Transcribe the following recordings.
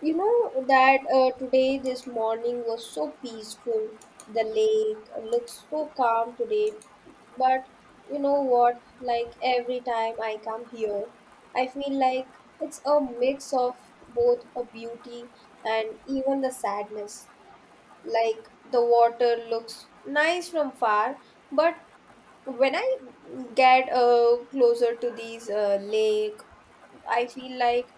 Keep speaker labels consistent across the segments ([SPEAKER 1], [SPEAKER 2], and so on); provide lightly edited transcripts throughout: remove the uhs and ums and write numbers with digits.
[SPEAKER 1] You know that today, this morning was so peaceful. The lake looks so calm today. But you know what? Like every time I come here, I feel like it's a mix of both a beauty and even the sadness. Like the water looks nice from far, but when I get closer to these lake, I feel like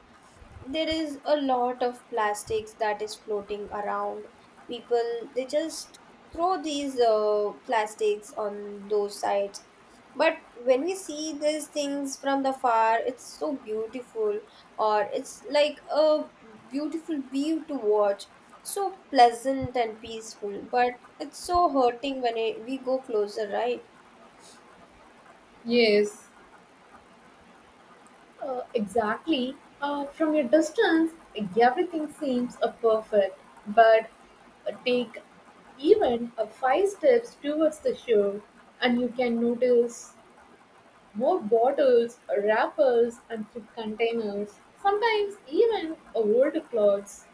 [SPEAKER 1] there is a lot of plastics that is floating around people, they just throw these plastics on those sides. But when we see these things from the far, it's so beautiful, or it's like a beautiful view to watch, so pleasant and peaceful. But it's so hurting when we go closer, right?
[SPEAKER 2] Yes, exactly. From a distance, everything seems perfect, but take even five steps towards the shore, and you can notice more bottles, wrappers, and food containers. Sometimes even old clothes.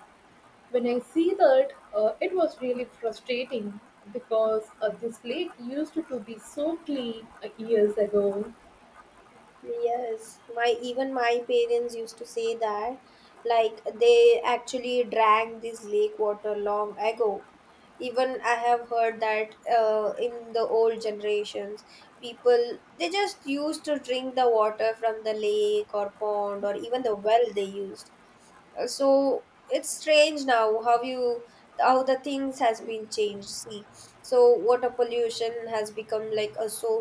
[SPEAKER 2] When I see that, it was really frustrating because this lake used to be so clean years ago.
[SPEAKER 1] Yes, my, even my parents used to say that, like they actually drank this lake water long ago. Even I have heard that in the old generations, people they just used to drink the water from the lake or pond or even the well they used. So it's strange now how you how the things has been changed, see. So water pollution has become like a, so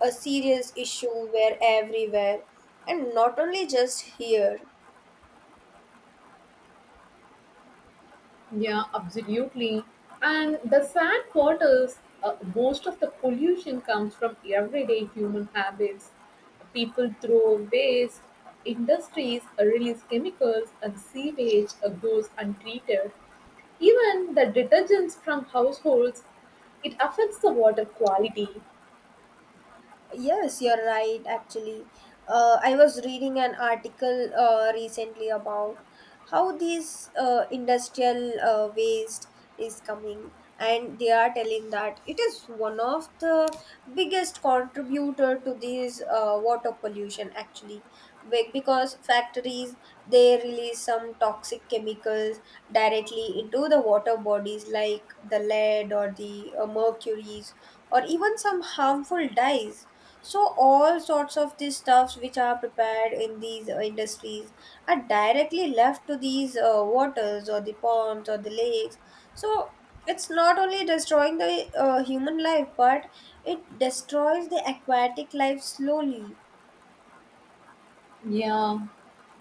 [SPEAKER 1] a serious issue, where everywhere and not only just here.
[SPEAKER 2] Yeah, absolutely. And the sad part is, most of the pollution comes from everyday human habits. People throw waste, industries release chemicals, and sewage goes untreated. Even the detergents from households, it affects the water quality.
[SPEAKER 1] Yes, you're right, actually. I was reading an article recently about how this industrial waste is coming, and they are telling that it is one of the biggest contributor to this water pollution, actually. Because factories, they release some toxic chemicals directly into the water bodies, like the lead or the mercuries or even some harmful dyes. So all sorts of these stuffs which are prepared in these industries are directly left to these waters or the ponds or the lakes. So it's not only destroying the human life, but it destroys the aquatic life slowly.
[SPEAKER 2] Yeah,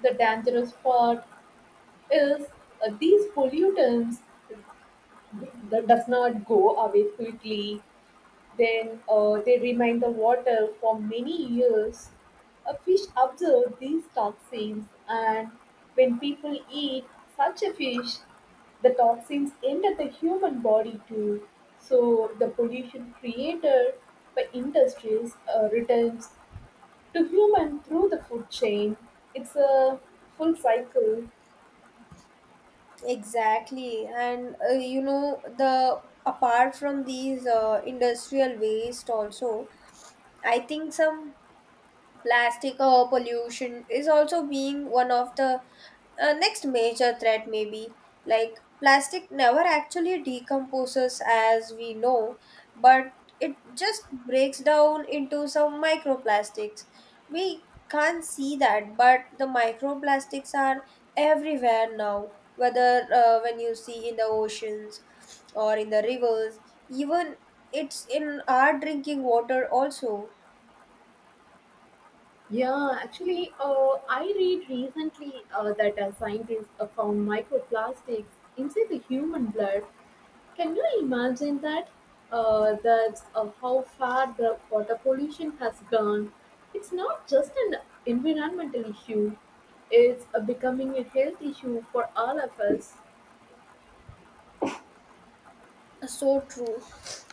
[SPEAKER 2] the dangerous part is these pollutants that does not go away quickly. Then they remain the water for many years. A fish observe these toxins, and when people eat such a fish, the toxins enter the human body too. So the pollution created by industries returns to human through the food chain. It's a full cycle.
[SPEAKER 1] Exactly, and you know, the apart from these industrial waste, also I think some plastic pollution is also being one of the next major threat, may be like plastic never actually decomposes, as we know, but it just breaks down into some microplastics. We can't see that, but the microplastics are everywhere now, whether when you see in the oceans or in the rivers, even it's in our drinking water also.
[SPEAKER 2] Yeah, actually, I read recently that scientists found microplastics inside the human blood. Can you imagine that? That's how far the water pollution has gone. It's not just an environmental issue, it's becoming a health issue for all of us.
[SPEAKER 1] So true.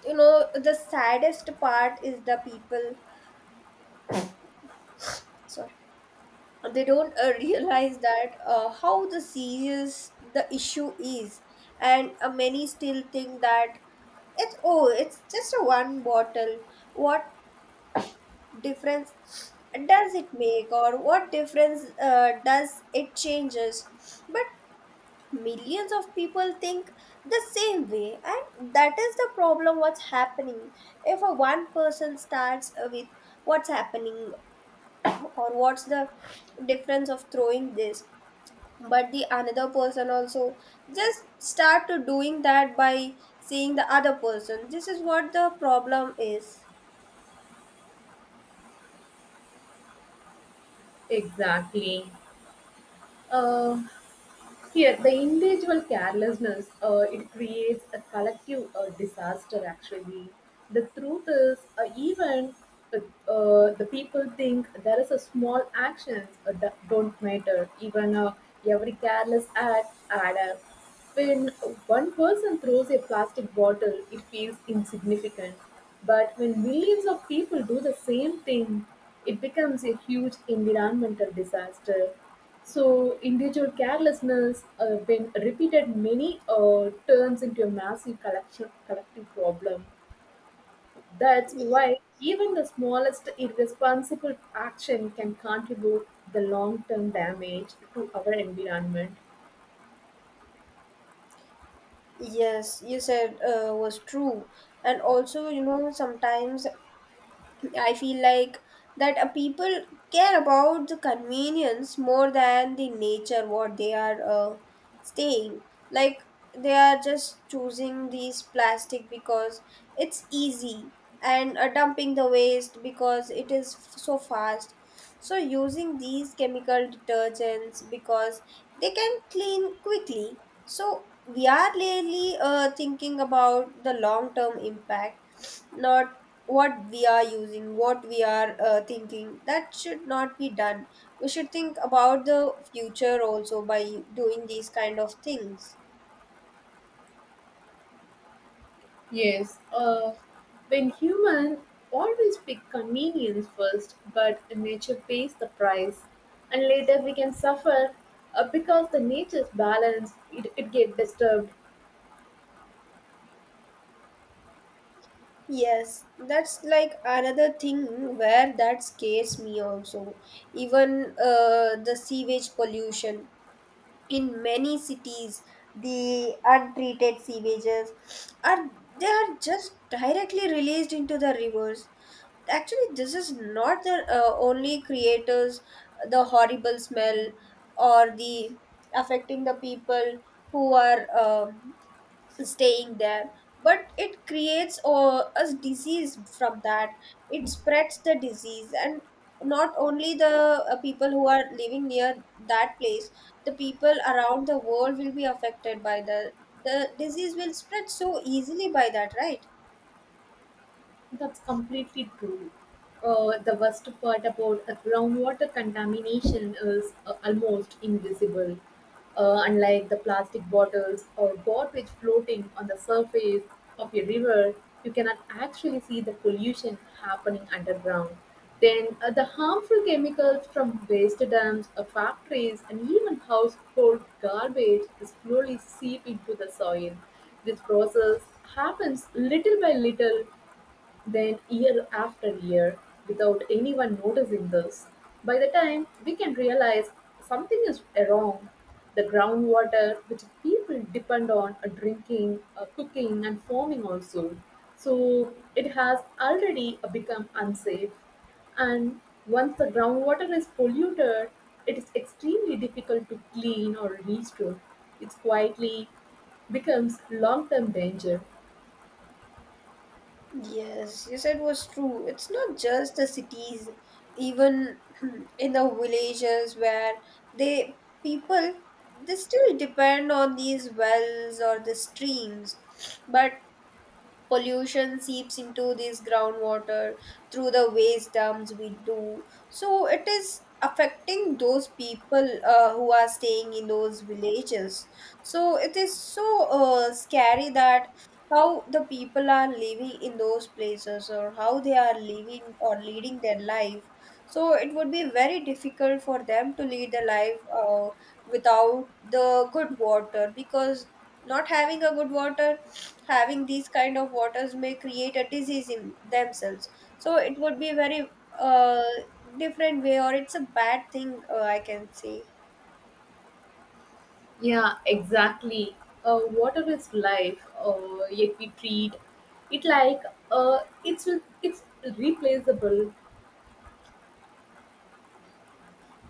[SPEAKER 1] You know, the saddest part is the people. Sorry, they don't realize that how the serious the issue is, and many still think that it's, oh, it's just a one bottle, what difference does it make, or what difference does it changes. But millions of people think the same way, and that is the problem, what's happening. If a one person starts with what's happening or what's the difference of throwing this, but the another person also just start to doing that by seeing the other person, this is what the problem is.
[SPEAKER 2] Exactly. Um, Here, the individual carelessness it creates a collective disaster. Actually, the truth is, even uh, the people think there is a small actions that don't matter. Even every careless act add up. When one person throws a plastic bottle, it feels insignificant. But when millions of people do the same thing, it becomes a huge environmental disaster. So, individual carelessness, when repeated many, turns into a massive collective problem. That's
[SPEAKER 1] Ye-
[SPEAKER 2] why even the smallest irresponsible action can contribute the long-term damage to our environment.
[SPEAKER 1] yes you said was true. And also, you know, sometimes I feel like that people care about the convenience more than the nature what they are staying. Like they are just choosing these plastic because it's easy, and dumping the waste because it is so fast. So using these chemical detergents because they can clean quickly. So we are really thinking about the long term impact, not what we are using, what we are thinking. That should not be done. We should think about the future also by doing these kind of things.
[SPEAKER 2] Yes, when human always pick convenience first, but nature pays the price, and later we can suffer because the nature's balance it get disturbed.
[SPEAKER 1] Yes, that's like another thing where that scares me also. Even the sewage pollution. In many cities, the untreated sewages are they are just directly released into the rivers. Actually, this is not the only creators, the horrible smell or the affecting the people who are staying there. But it creates a disease from that. It spreads the disease, and not only the people who are living near that place, the people around the world will be affected by the disease. Will spread so easily by that, right?
[SPEAKER 2] That's completely true. The worst part about groundwater contamination is almost invisible. Unlike the plastic bottles or garbage floating on the surface of a river, you cannot actually see the pollution happening underground. Then the harmful chemicals from waste dumps, factories, and even household garbage slowly seep into the soil. This process happens little by little, then, year after year, without anyone noticing this, by the time we can realize something is wrong, the groundwater which people depend on drinking, cooking, and farming also. So, it has already become unsafe. And once the groundwater is polluted, it is extremely difficult to clean or restore. It quietly becomes long term danger.
[SPEAKER 1] Yes, you said was true. It's not just the cities, even in the villages where they people they still depend on these wells or the streams. But pollution seeps into this groundwater through the waste dumps we do, so it is affecting those people who are staying in those villages. So it is so scary that how the people are living in those places, or how they are living or leading their life. So it would be very difficult for them to lead the life without the good water, because not having a good water, having these kind of waters may create a disease in themselves. So it would be very uh, different way, or it's a bad thing, I can say.
[SPEAKER 2] Yeah, exactly. Water is life. Yet we treat it like uh, it's it's replaceable.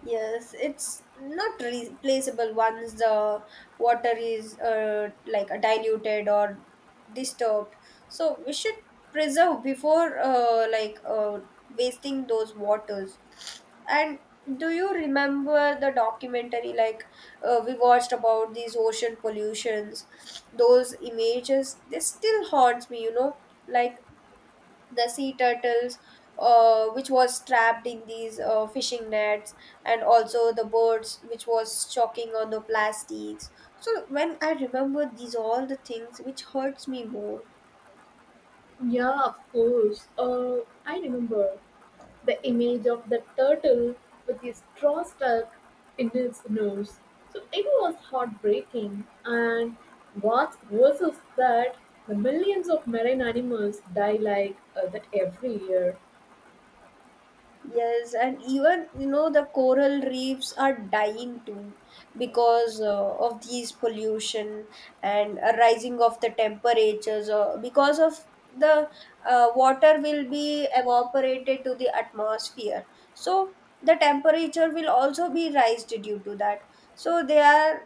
[SPEAKER 1] Yes, it's not replaceable. Once the water is diluted or disturbed, so we should preserve before wasting those waters. And do you remember the documentary, like we watched about these ocean pollutions? Those images, they still haunts me. You know, like the sea turtles, which was trapped in these fishing nets, and also the birds which was choking on the plastics. So when I remember these all the things, which hurts me more.
[SPEAKER 2] Yeah, of course. I remember the image of the turtle with his straw stuck in its nose. So it was heartbreaking. And what's worse is that the millions of marine animals die like that every year.
[SPEAKER 1] Yes, and even, you know, the coral reefs are dying too because of these pollution and a rising of the temperatures, or because of the water will be evaporated to the atmosphere. So the temperature will also be raised due to that. So they are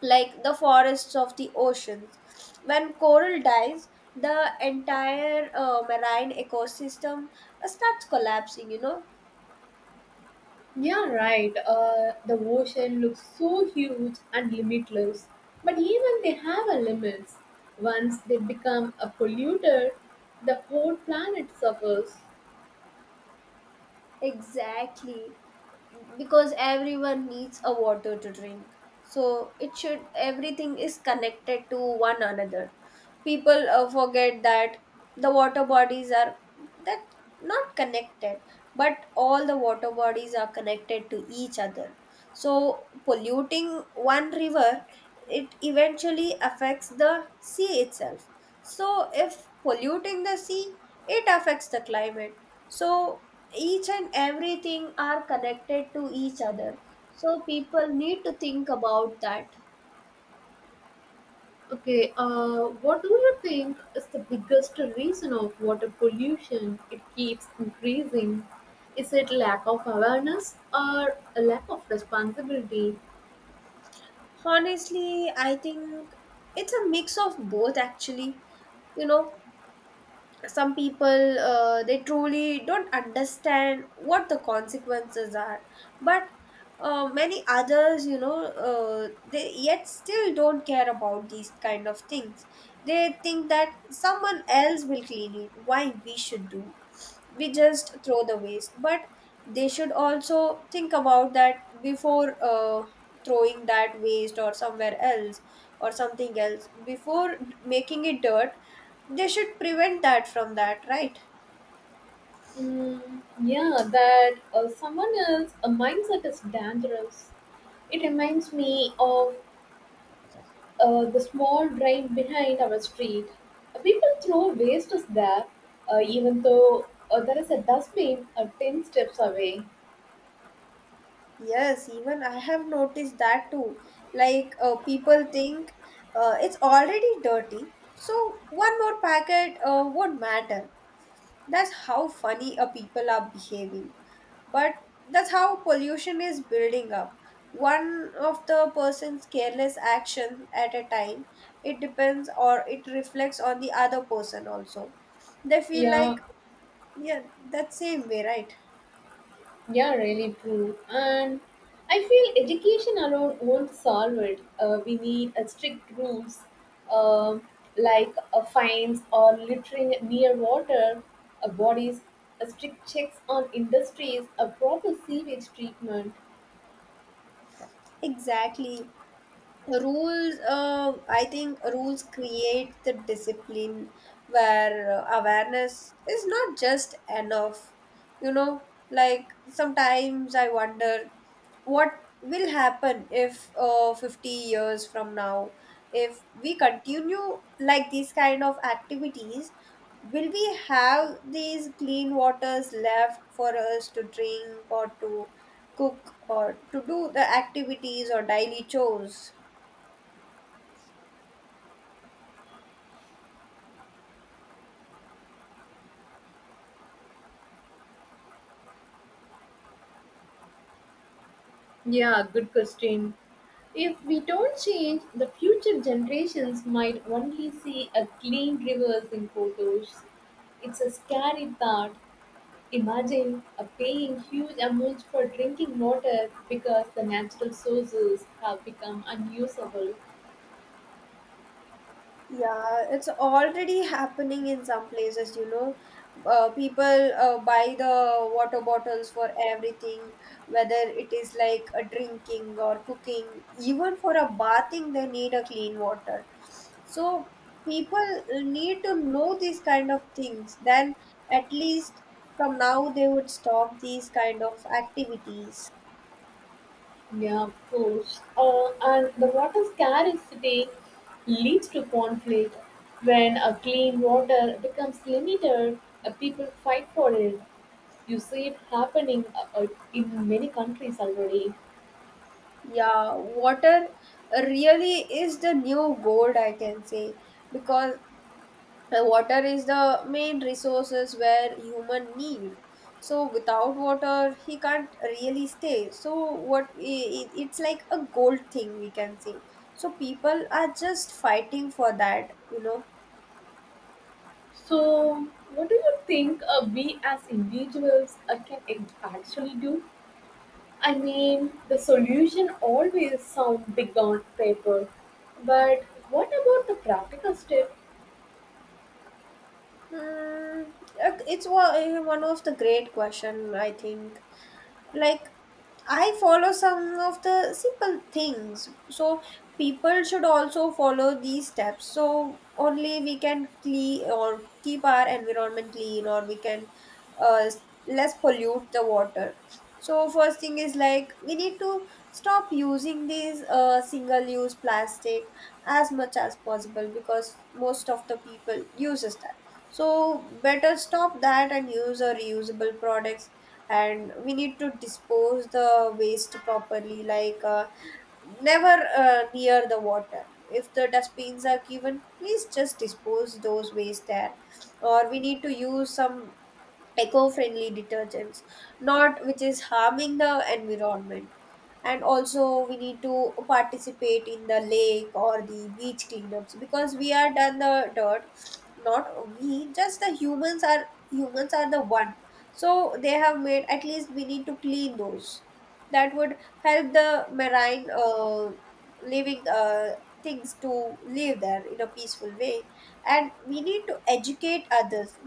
[SPEAKER 1] like the forests of the oceans. When coral dies, the entire marine ecosystem starts collapsing.
[SPEAKER 2] Yeah, right. The ocean looks so huge and limitless, but even they have a limits. Once they become a polluter, the whole planet suffers.
[SPEAKER 1] Exactly. Because everyone needs a water to drink. So everything is connected to one another. People forget that the water bodies are, that not connected, but all the water bodies are connected to each other. So polluting one river, it eventually affects the sea itself. So if polluting the sea, it affects the climate. So each and everything are connected to each other, so people need to think about that.
[SPEAKER 2] Okay, what do you think is the biggest reason of water pollution? It keeps increasing. Is it lack of awareness or a lack of responsibility?
[SPEAKER 1] Honestly, I think it's a mix of both, actually. You know, some people, they truly don't understand what the consequences are. But many others, you know, they yet still don't care about these kind of things. They think that someone else will clean it, why we should do. We just throw the waste, but they should also think about that before throwing that waste, or somewhere else or something else, before making it dirt. They should prevent that from that, right?
[SPEAKER 2] Mm, yeah, that someone else, a mindset is dangerous. It reminds me of the small drain behind our street. People throw waste there, even though there is a dustbin 10 steps away.
[SPEAKER 1] Yes, even I have noticed that too. Like people think it's already dirty, so one more packet won't matter. That's how funny a people are behaving. But that's how pollution is building up. One of the person's careless action at a time, it depends, or it reflects on the other person also. They feel
[SPEAKER 2] Yeah,
[SPEAKER 1] like, yeah, that same way, right?
[SPEAKER 2] yeah, really true. And I feel education alone won't solve it. We need a strict rules um like fines or littering near water, bodies, strict checks on industries, a proper sewage treatment.
[SPEAKER 1] Exactly. Rules, I think rules create the discipline, where awareness is not just enough, you know. Like sometimes I wonder what will happen if 50 years from now, if we continue like these kind of activities, will we have these clean waters left for us to drink or to cook, or to do the activities or daily chores?
[SPEAKER 2] Yeah, good question. If we don't change, the future generations might only see a clean rivers in photos. It's a scary thought. Imagine a paying huge amounts for drinking water because the natural sources have become unusable.
[SPEAKER 1] Yeah, it's already happening in some places, you know. People buy the water bottles for everything, whether it is like a drinking or cooking, even for a bathing, they need a clean water. So people need to know these kind of things. Then, at least from now, they would stop these kind of activities.
[SPEAKER 2] Yeah, of course. And the water scarcity leads to conflict. When a clean water becomes limited, people fight for it. You see it happening in many countries already.
[SPEAKER 1] Yeah, water really is the new gold, I can say, because water is the main resources where human need. So without water, he can't really stay. So what it's like a gold thing, we can say. So people are just fighting for that, you know.
[SPEAKER 2] So, what do you think we as individuals can actually do? I mean, the solution always sounds big on paper, but what about the practical step?
[SPEAKER 1] Mm, one of the great question, I think. Like I follow some of the simple things, so people should also follow these steps, so only we can clean or keep our environment clean, or we can uh, less pollute the water. So first thing is, like, we need to stop using these single-use plastic as much as possible, because most of the people uses that. So better stop that and use a reusable products. And we need to dispose the waste properly, like never near the water. If the dustbins are given, please just dispose those waste there. Or we need to use some eco-friendly detergents not which is harming the environment, and also we need to participate in the lake or the beach cleanups because we are done the dirt. Not we just the humans are the one, so they have made, at least we need to clean those. That would help the marine living things to live there in a peaceful way. And we need to educate others,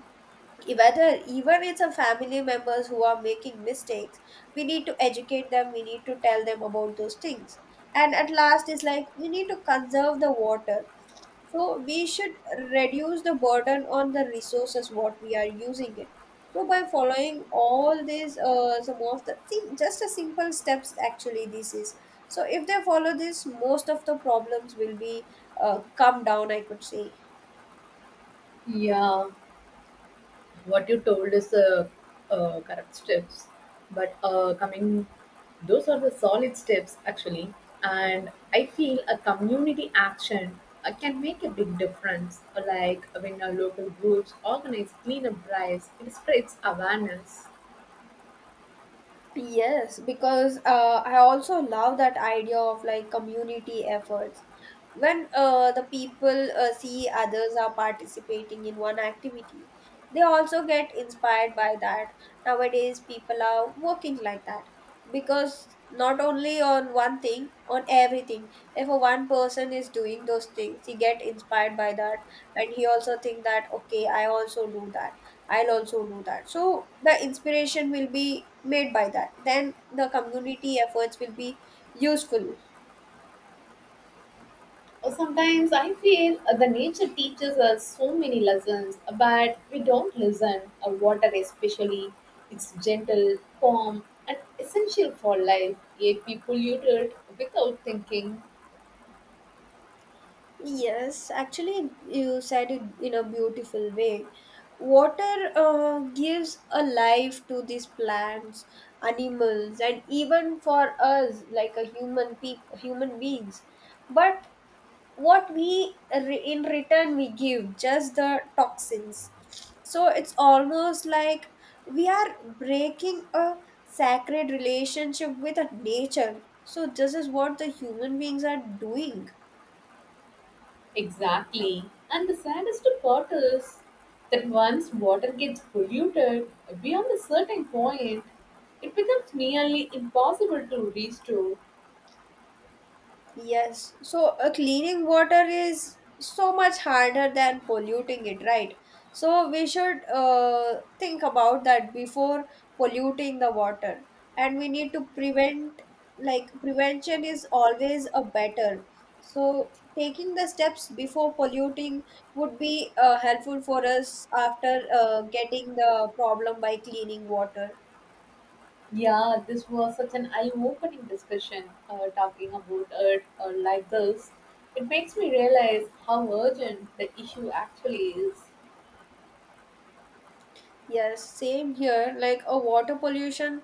[SPEAKER 1] E, whether even it's a family members who are making mistakes, we need to educate them, we need to tell them about those things. And at last is like we need to conserve the water, so we should reduce the burden on the resources what we are using it. So by following all these some of the thing, just a simple steps, actually this is, so if they follow this, most of the problems will be come down, I could say.
[SPEAKER 2] Yeah, what you told is correct steps, but coming those are the solid steps actually. And I feel a community action can make a big difference, like when our local groups organize cleanup drives, it spreads awareness.
[SPEAKER 1] Yes, because I also love that idea of like community efforts. When the people see others are participating in one activity, they also get inspired by that. Nowadays people are working like that, because not only on one thing, on everything, if a one person is doing those things, he get inspired by that. And he also think that, okay, I also do that, I'll also do that. So the inspiration will be made by that, then the community efforts will be useful.
[SPEAKER 2] Sometimes I feel the nature teaches us so many lessons, but we don't listen. Water, especially, it's gentle, calm, and essential for life. Yet we pollute it without thinking.
[SPEAKER 1] Yes, actually, you said it in a beautiful way. Water gives a life to these plants, animals, and even for us, like a human beings. But what in return we give just the toxins. So it's almost like we are breaking a sacred relationship with a nature. So this is what the human beings are doing.
[SPEAKER 2] Exactly. And the saddest part is that once water gets polluted beyond a certain point, it becomes nearly impossible to restore.
[SPEAKER 1] Yes, so cleaning water is so much harder than polluting it, right? So we should think about that before polluting the water, and we need to prevent, like, prevention is always a better. So taking the steps before polluting would be helpful for us after getting the problem by cleaning water.
[SPEAKER 2] Yeah, this was such an eye-opening discussion. Talking about it like this, it makes me realize how urgent the issue actually is.
[SPEAKER 1] Yes, same here. Like a water pollution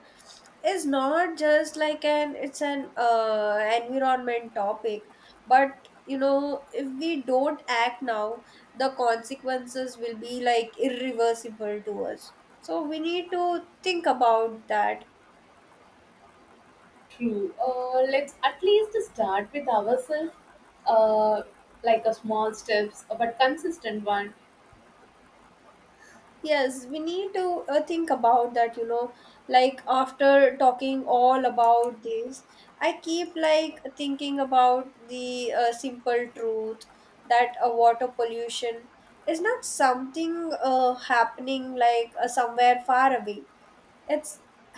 [SPEAKER 1] is not just like an it's an environment topic, but you know, if we don't act now, the consequences will be like irreversible to us. So we need to think about that.
[SPEAKER 2] True. Let's at least start with ourselves. Uh, like a small steps, but consistent one
[SPEAKER 1] Yes, we need to think about that, you know. Like, after talking all about this, I keep like thinking about the simple truth that water pollution is not something happening like somewhere far away. It's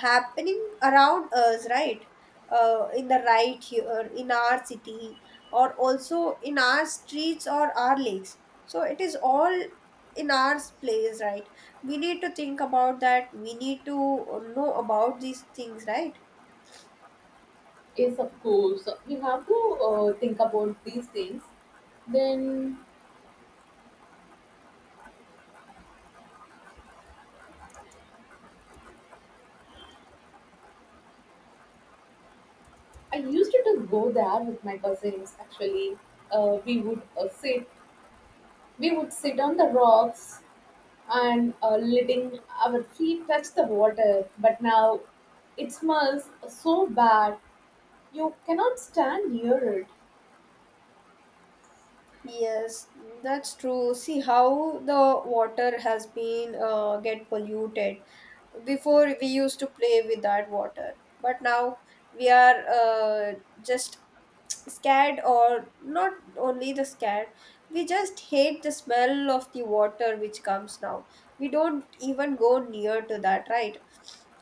[SPEAKER 1] happening around us, right, in the right here in our city, or also in our streets or our lakes. So it is all in our place, right? We need to think about that, we need to know about these things, right?
[SPEAKER 2] is of course we have to think about these things. Then I used to just go there with my cousins. Actually, we would sit. We would sit on the rocks and letting our feet touch the water. But now it smells so bad, you cannot stand near it.
[SPEAKER 1] Yes, that's true. See how the water has been get polluted. Before we used to play with that water, but now we are just scared, or not only the scared, we just hate the smell of the water which comes now, we don't even go near to that, right?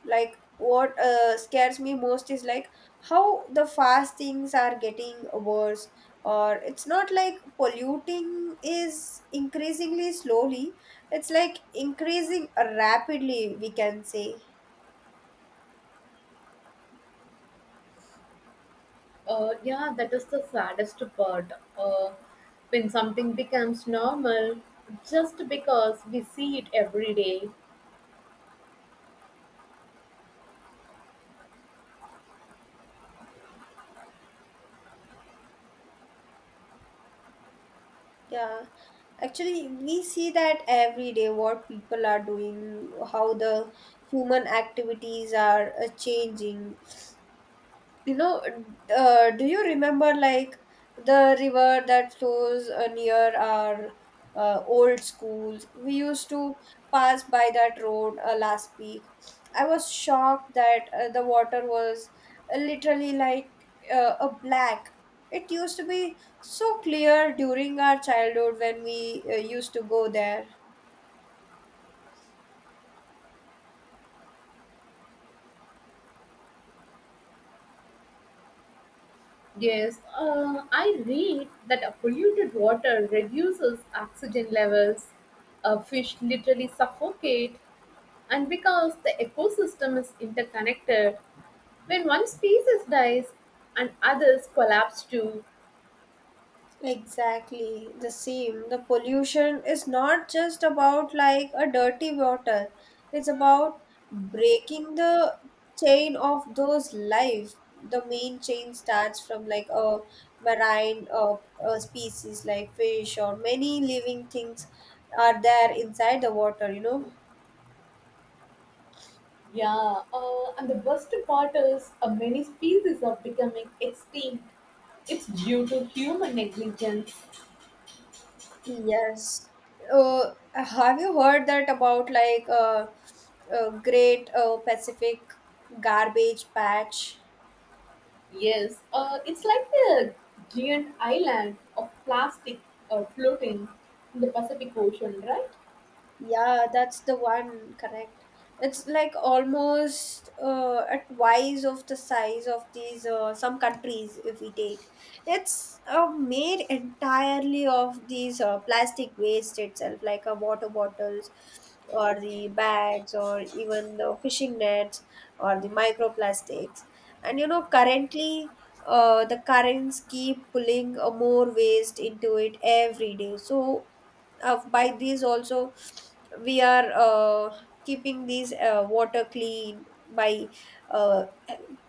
[SPEAKER 1] Like what scares me most is like how the fast things are getting worse. Or it's not like polluting is increasingly slowly, it's like increasing rapidly, we can say.
[SPEAKER 2] Yeah, that is the saddest part. Uh, when something becomes normal just because we see it every day.
[SPEAKER 1] Yeah, actually, we see that every day what people are doing, how the human activities are changing, you know. Do you remember like the river that flows near our old schools? We used to pass by that road last week. I was shocked that the water was literally like a black. It used to be so clear during our childhood when we used to go there.
[SPEAKER 2] Yes, I read that a polluted water reduces oxygen levels. Fish literally suffocate, and because the ecosystem is interconnected, when one species dies and others collapse too.
[SPEAKER 1] Exactly the same. The pollution is not just about like a dirty water. It's about breaking the chain of those life. The main chain starts from like a marine species, like fish or many living things are there inside the water, you know.
[SPEAKER 2] Yeah, and the worst part is many species are becoming extinct. It's due to human negligence.
[SPEAKER 1] Yes. Have you heard that about like Great Pacific Garbage Patch?
[SPEAKER 2] Yes, it's like a giant island of plastic floating in the Pacific Ocean, right?
[SPEAKER 1] Yeah, that's the one, correct. It's like almost at twice of the size of these some countries if we take. It's made entirely of these plastic waste itself, like water bottles or the bags or even the fishing nets or the microplastics. And you know, currently the currents keep pulling more waste into it every day. So by these also we are keeping these water clean by uh,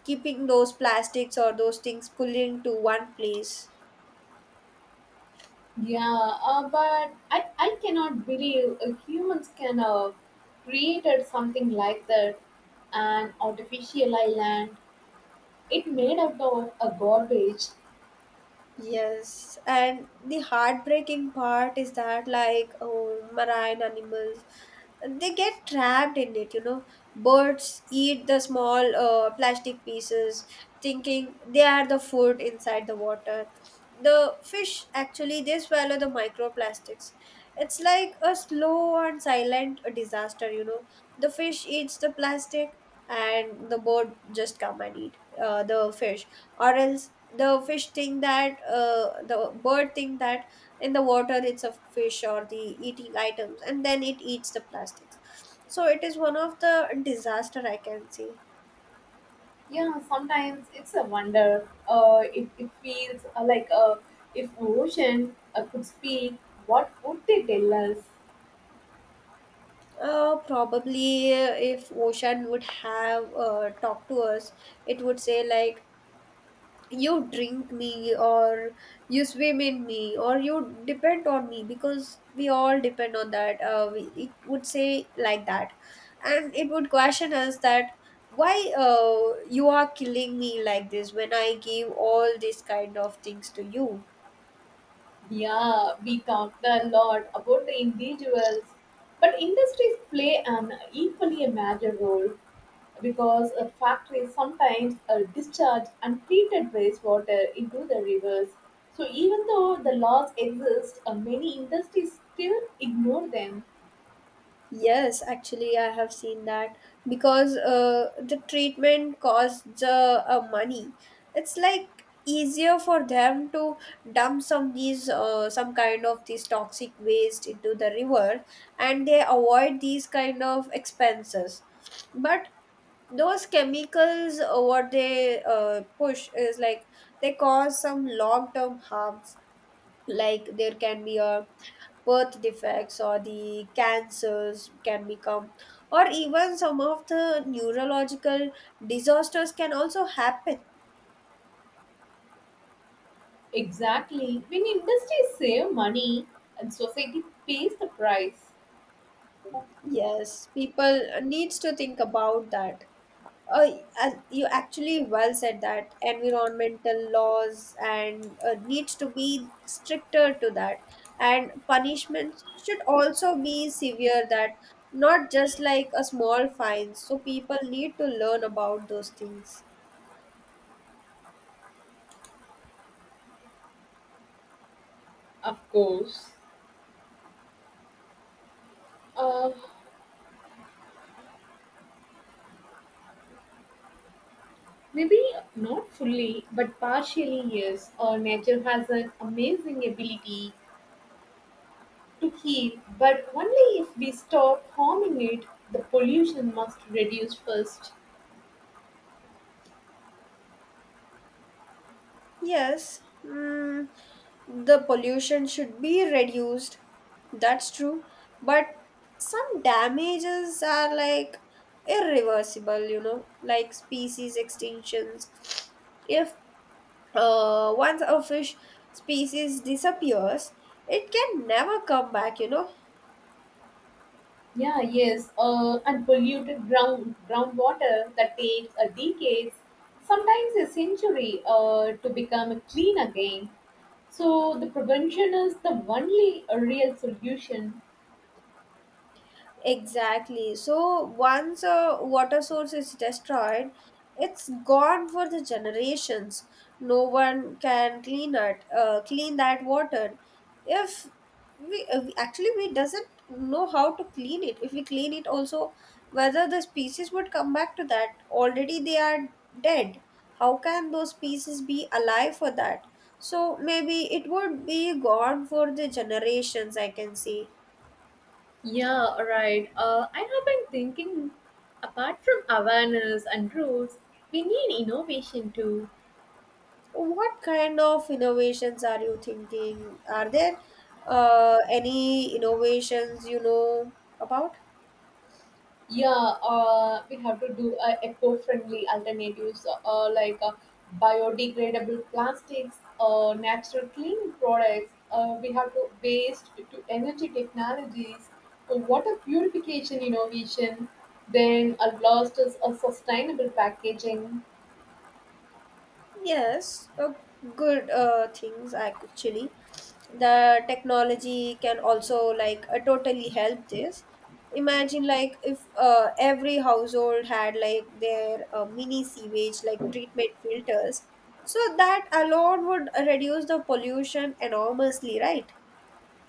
[SPEAKER 1] keeping those plastics or those things pulling to one place.
[SPEAKER 2] Yeah, but I cannot believe humans can have created something like that, an artificial island, it made out of a garbage.
[SPEAKER 1] Yes, and the heartbreaking part is that, like, oh, marine animals, they get trapped in it, you know. Birds eat the small plastic pieces, thinking they are the food inside the water. The fish actually they swallow the microplastics. It's like a slow and silent disaster, you know. The fish eats the plastic, and the bird just come and eat the fish. Or else the fish think that the bird think that in the water it's a fish or the eating items, and then it eats the plastics. So it is one of the disaster I can see.
[SPEAKER 2] Yeah, sometimes it's a wonder. It feels like if ocean could speak, what would they tell us?
[SPEAKER 1] Uh, probably if ocean would have talked to us, it would say like, you drink me, or you swim in me, or you depend on me, because we all depend on that, it would say like that. And it would question us that, why you are killing me like this when I give all these kind of things to you.
[SPEAKER 2] Yeah, we talked a lot about the individuals, but industries play an equally a major role because factories sometimes discharge untreated wastewater into the rivers. So even though the laws exist, many industries still ignore them.
[SPEAKER 1] Yes, actually, I have seen that because the treatment costs money. It's like easier for them to dump some these some kind of these toxic waste into the river, and they avoid these kind of expenses. But those chemicals, what they push is like they cause some long term harms, like there can be a birth defects or the cancers can become, or even some of the neurological disasters can also happen.
[SPEAKER 2] Exactly. When industries save money and society pays the price,
[SPEAKER 1] Yes, people needs to think about that. Uh, you actually well said that environmental laws and needs to be stricter to that, and punishments should also be severe that, not just like a small fine, so people need to learn about those things.
[SPEAKER 2] of course. uh, maybe not fully, but partially yes. Our nature has an amazing ability to heal, but only if we stop harming it. The pollution must reduce first.
[SPEAKER 1] Yes, mm, the pollution should be reduced. That's true. But some damages are like irreversible, you know, like species extinctions. If once a fish species disappears, it can never come back, you know.
[SPEAKER 2] Yeah, yes, and polluted groundwater that takes a decades, sometimes a century, to become clean again. So the prevention is the only real solution.
[SPEAKER 1] Exactly. So once a water source is destroyed, it's gone for the generations. No one can clean it, clean that water. If actually we doesn't know how to clean it. If we clean it, also whether the species would come back to that. Already they are dead. How can those species be alive for that? So maybe it would be gone for the generations, I can see.
[SPEAKER 2] Yeah, right. I have been thinking, apart from awareness and rules, we need innovation too.
[SPEAKER 1] What kind of innovations are you thinking? Are there any innovations you know about?
[SPEAKER 2] Yeah, we have to do eco-friendly alternatives like biodegradable plastics, natural cleaning products. We have to waste to energy technologies, to water purification innovation. Then a last is a sustainable packaging.
[SPEAKER 1] Yes, good things actually. The technology can also like totally help this. Imagine like if every household had like their mini sewage like treatment filters. So that alone would reduce the pollution enormously, right?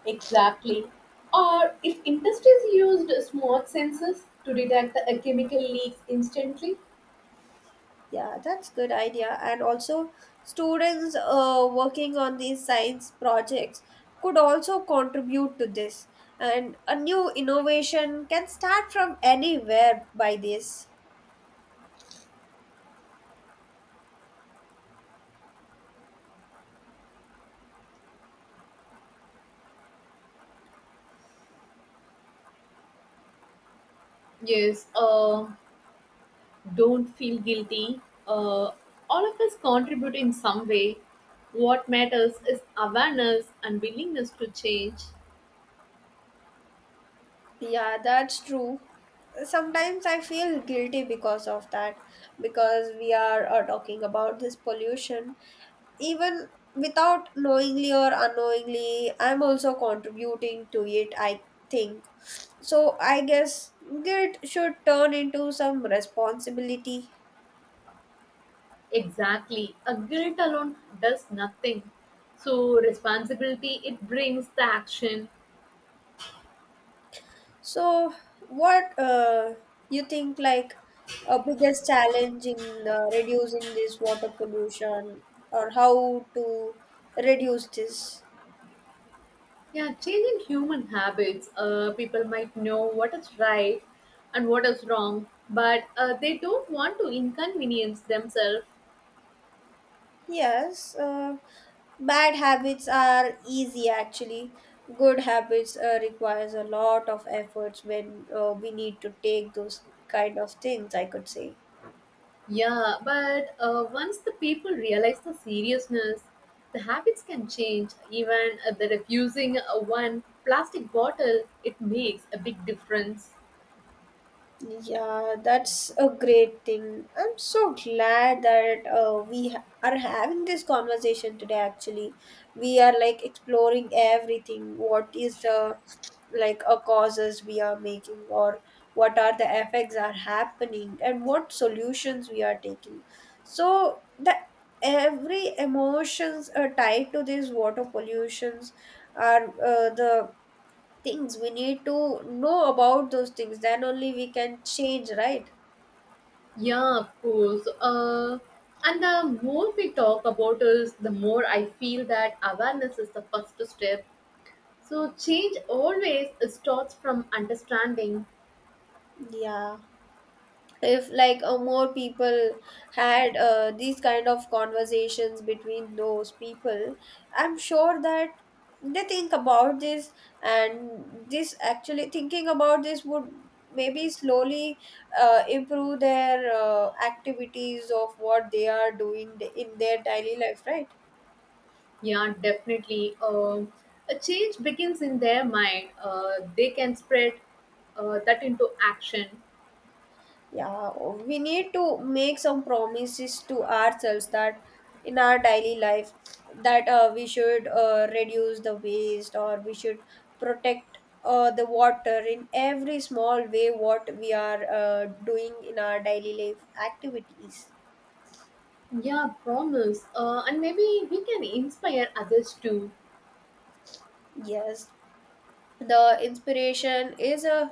[SPEAKER 2] Exactly. Or if industries used smart sensors to detect the chemical leaks instantly.
[SPEAKER 1] Yeah, that's good idea. And also, students working on these science projects could also contribute to this. And a new innovation can start from anywhere by this.
[SPEAKER 2] Yes. Don't feel guilty. Uh, all of us contribute in some way. What matters is awareness and willingness to change.
[SPEAKER 1] Yeah, that's true. Sometimes I feel guilty because of that, because we are talking about this pollution. Even without knowingly or unknowingly, I'm also contributing to it, I think. So I guess guilt should turn into some responsibility.
[SPEAKER 2] Exactly. A guilt alone does nothing. So, responsibility, it brings the action.
[SPEAKER 1] So, what you think like a biggest challenge in reducing this water pollution, or how to reduce this?
[SPEAKER 2] Yeah, changing human habits. People might know what is right and what is wrong, but they don't want to inconvenience themselves.
[SPEAKER 1] Yes, bad habits are easy actually. Good habits requires a lot of efforts when we need to take those kind of things, I could say.
[SPEAKER 2] Yeah, but once the people realize the seriousness, the habits can change. Even the refusing one plastic bottle, it makes a big difference.
[SPEAKER 1] Yeah, that's a great thing. I'm so glad that are having this conversation today. Actually, we are like exploring everything. What is the like a causes we are making, or what are the effects are happening, and what solutions we are taking. So the every emotions are tied to these water pollutions are the things we need to know about those things, then only we can change, right?
[SPEAKER 2] Yeah, of course. And the more we talk about this, the more I feel that awareness is the first step. So change always starts from understanding.
[SPEAKER 1] Yeah. If like more people had these kind of conversations between those people, I'm sure that they think about this, and this actually thinking about this would maybe slowly improve their activities of what they are doing in their daily life, right?
[SPEAKER 2] Yeah, definitely. A change begins in their mind. They can spread that into action.
[SPEAKER 1] Yeah, we need to make some promises to ourselves that in our daily life, that we should reduce the waste, or we should protect the water in every small way what we are doing in our daily life activities.
[SPEAKER 2] Yeah, promise. And maybe we can inspire others too.
[SPEAKER 1] Yes, the inspiration is a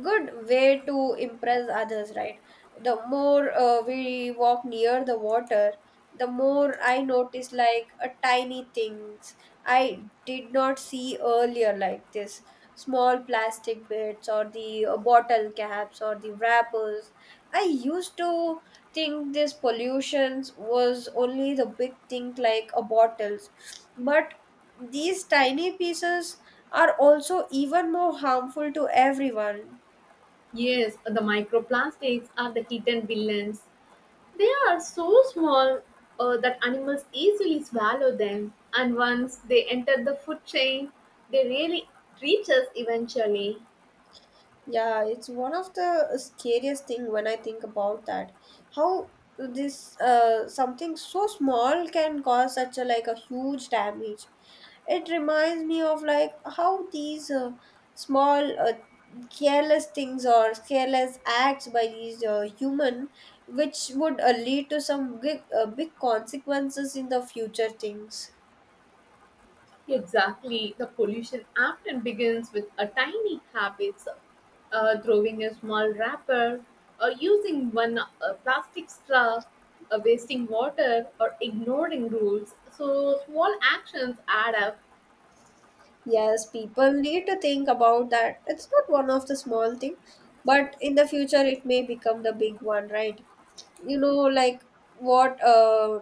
[SPEAKER 1] good way to impress others, right? The more we walk near the water, the more I notice like a tiny things I did not see earlier, like this small plastic bits or the bottle caps or the wrappers. I used to think this pollutions was only the big thing, like a bottles, but these tiny pieces are also even more harmful to everyone.
[SPEAKER 2] Yes, the microplastics are the hidden villains. They are so small that animals easily swallow them. And once they enter the food chain, they really reach us eventually.
[SPEAKER 1] Yeah, it's one of the scariest thing when I think about that. How this something so small can cause such a like a huge damage. It reminds me of like how these small careless things or careless acts by these human, which would lead to some big, big consequences in the future things.
[SPEAKER 2] Exactly. The pollution often begins with a tiny habits, throwing a small wrapper, or using one plastic straw, wasting water, or ignoring rules. So small actions add up,
[SPEAKER 1] Yes, people need to think about that. It's not one of the small thing, but in the future it may become the big one, right? You know, like what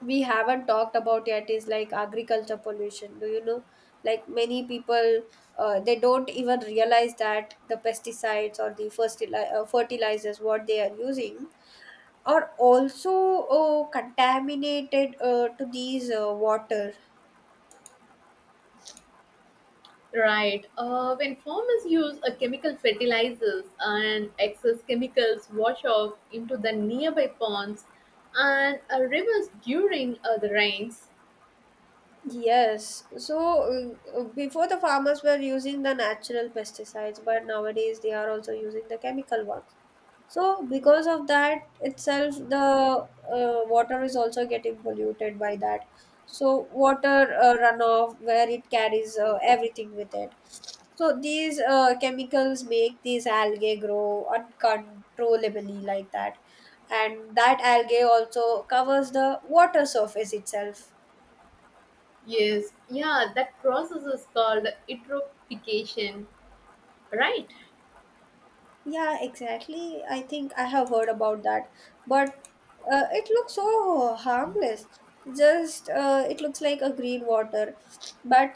[SPEAKER 1] we haven't talked about yet is like agriculture pollution. Do you know? Like many people, they don't even realize that the pesticides or the fertilizers what they are using are also contaminated to these water.
[SPEAKER 2] right? When farmers use a chemical fertilizers and excess chemicals wash off into the nearby ponds and rivers during the rains.
[SPEAKER 1] Yes. So before the farmers were using the natural pesticides, but nowadays they are also using the chemical ones. So because of that itself, the water is also getting polluted by that. So water runoff where it carries everything with it. So these chemicals make these algae grow uncontrollably like that, and that algae also covers the water surface itself.
[SPEAKER 2] Yes, yeah, that process is called eutrophication, right?
[SPEAKER 1] Yeah, exactly. I think I have heard about that. But it looks so harmless. Just it looks like a green water, but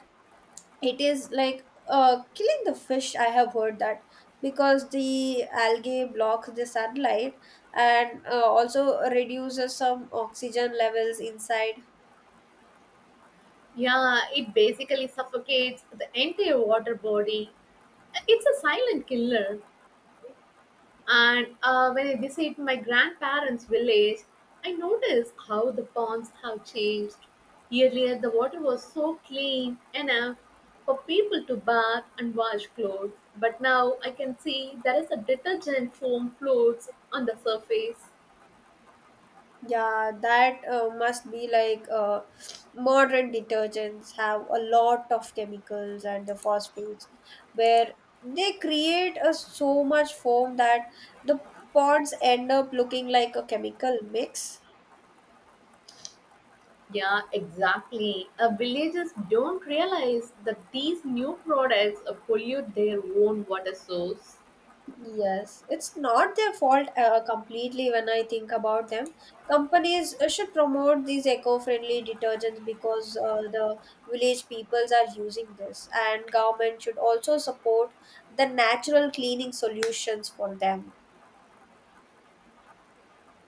[SPEAKER 1] it is like killing the fish. I have heard that because the algae blocks the sunlight and also reduces some oxygen levels inside.
[SPEAKER 2] Yeah, it basically suffocates the entire water body. It's a silent killer. And when I visit my grandparents' village, I notice how the ponds have changed. Earlier, the water was so clean enough for people to bath and wash clothes, but now I can see there is a detergent foam floats on the surface.
[SPEAKER 1] Yeah, that must be like modern detergents have a lot of chemicals and the phosphates, where they create a so much foam that the pods end up looking like a chemical mix.
[SPEAKER 2] Yeah, exactly. Villagers don't realize that these new products pollute their own water source.
[SPEAKER 1] Yes, it's not their fault completely when I think about them. Companies should promote these eco-friendly detergents because the village peoples are using this, and government should also support the natural cleaning solutions for them.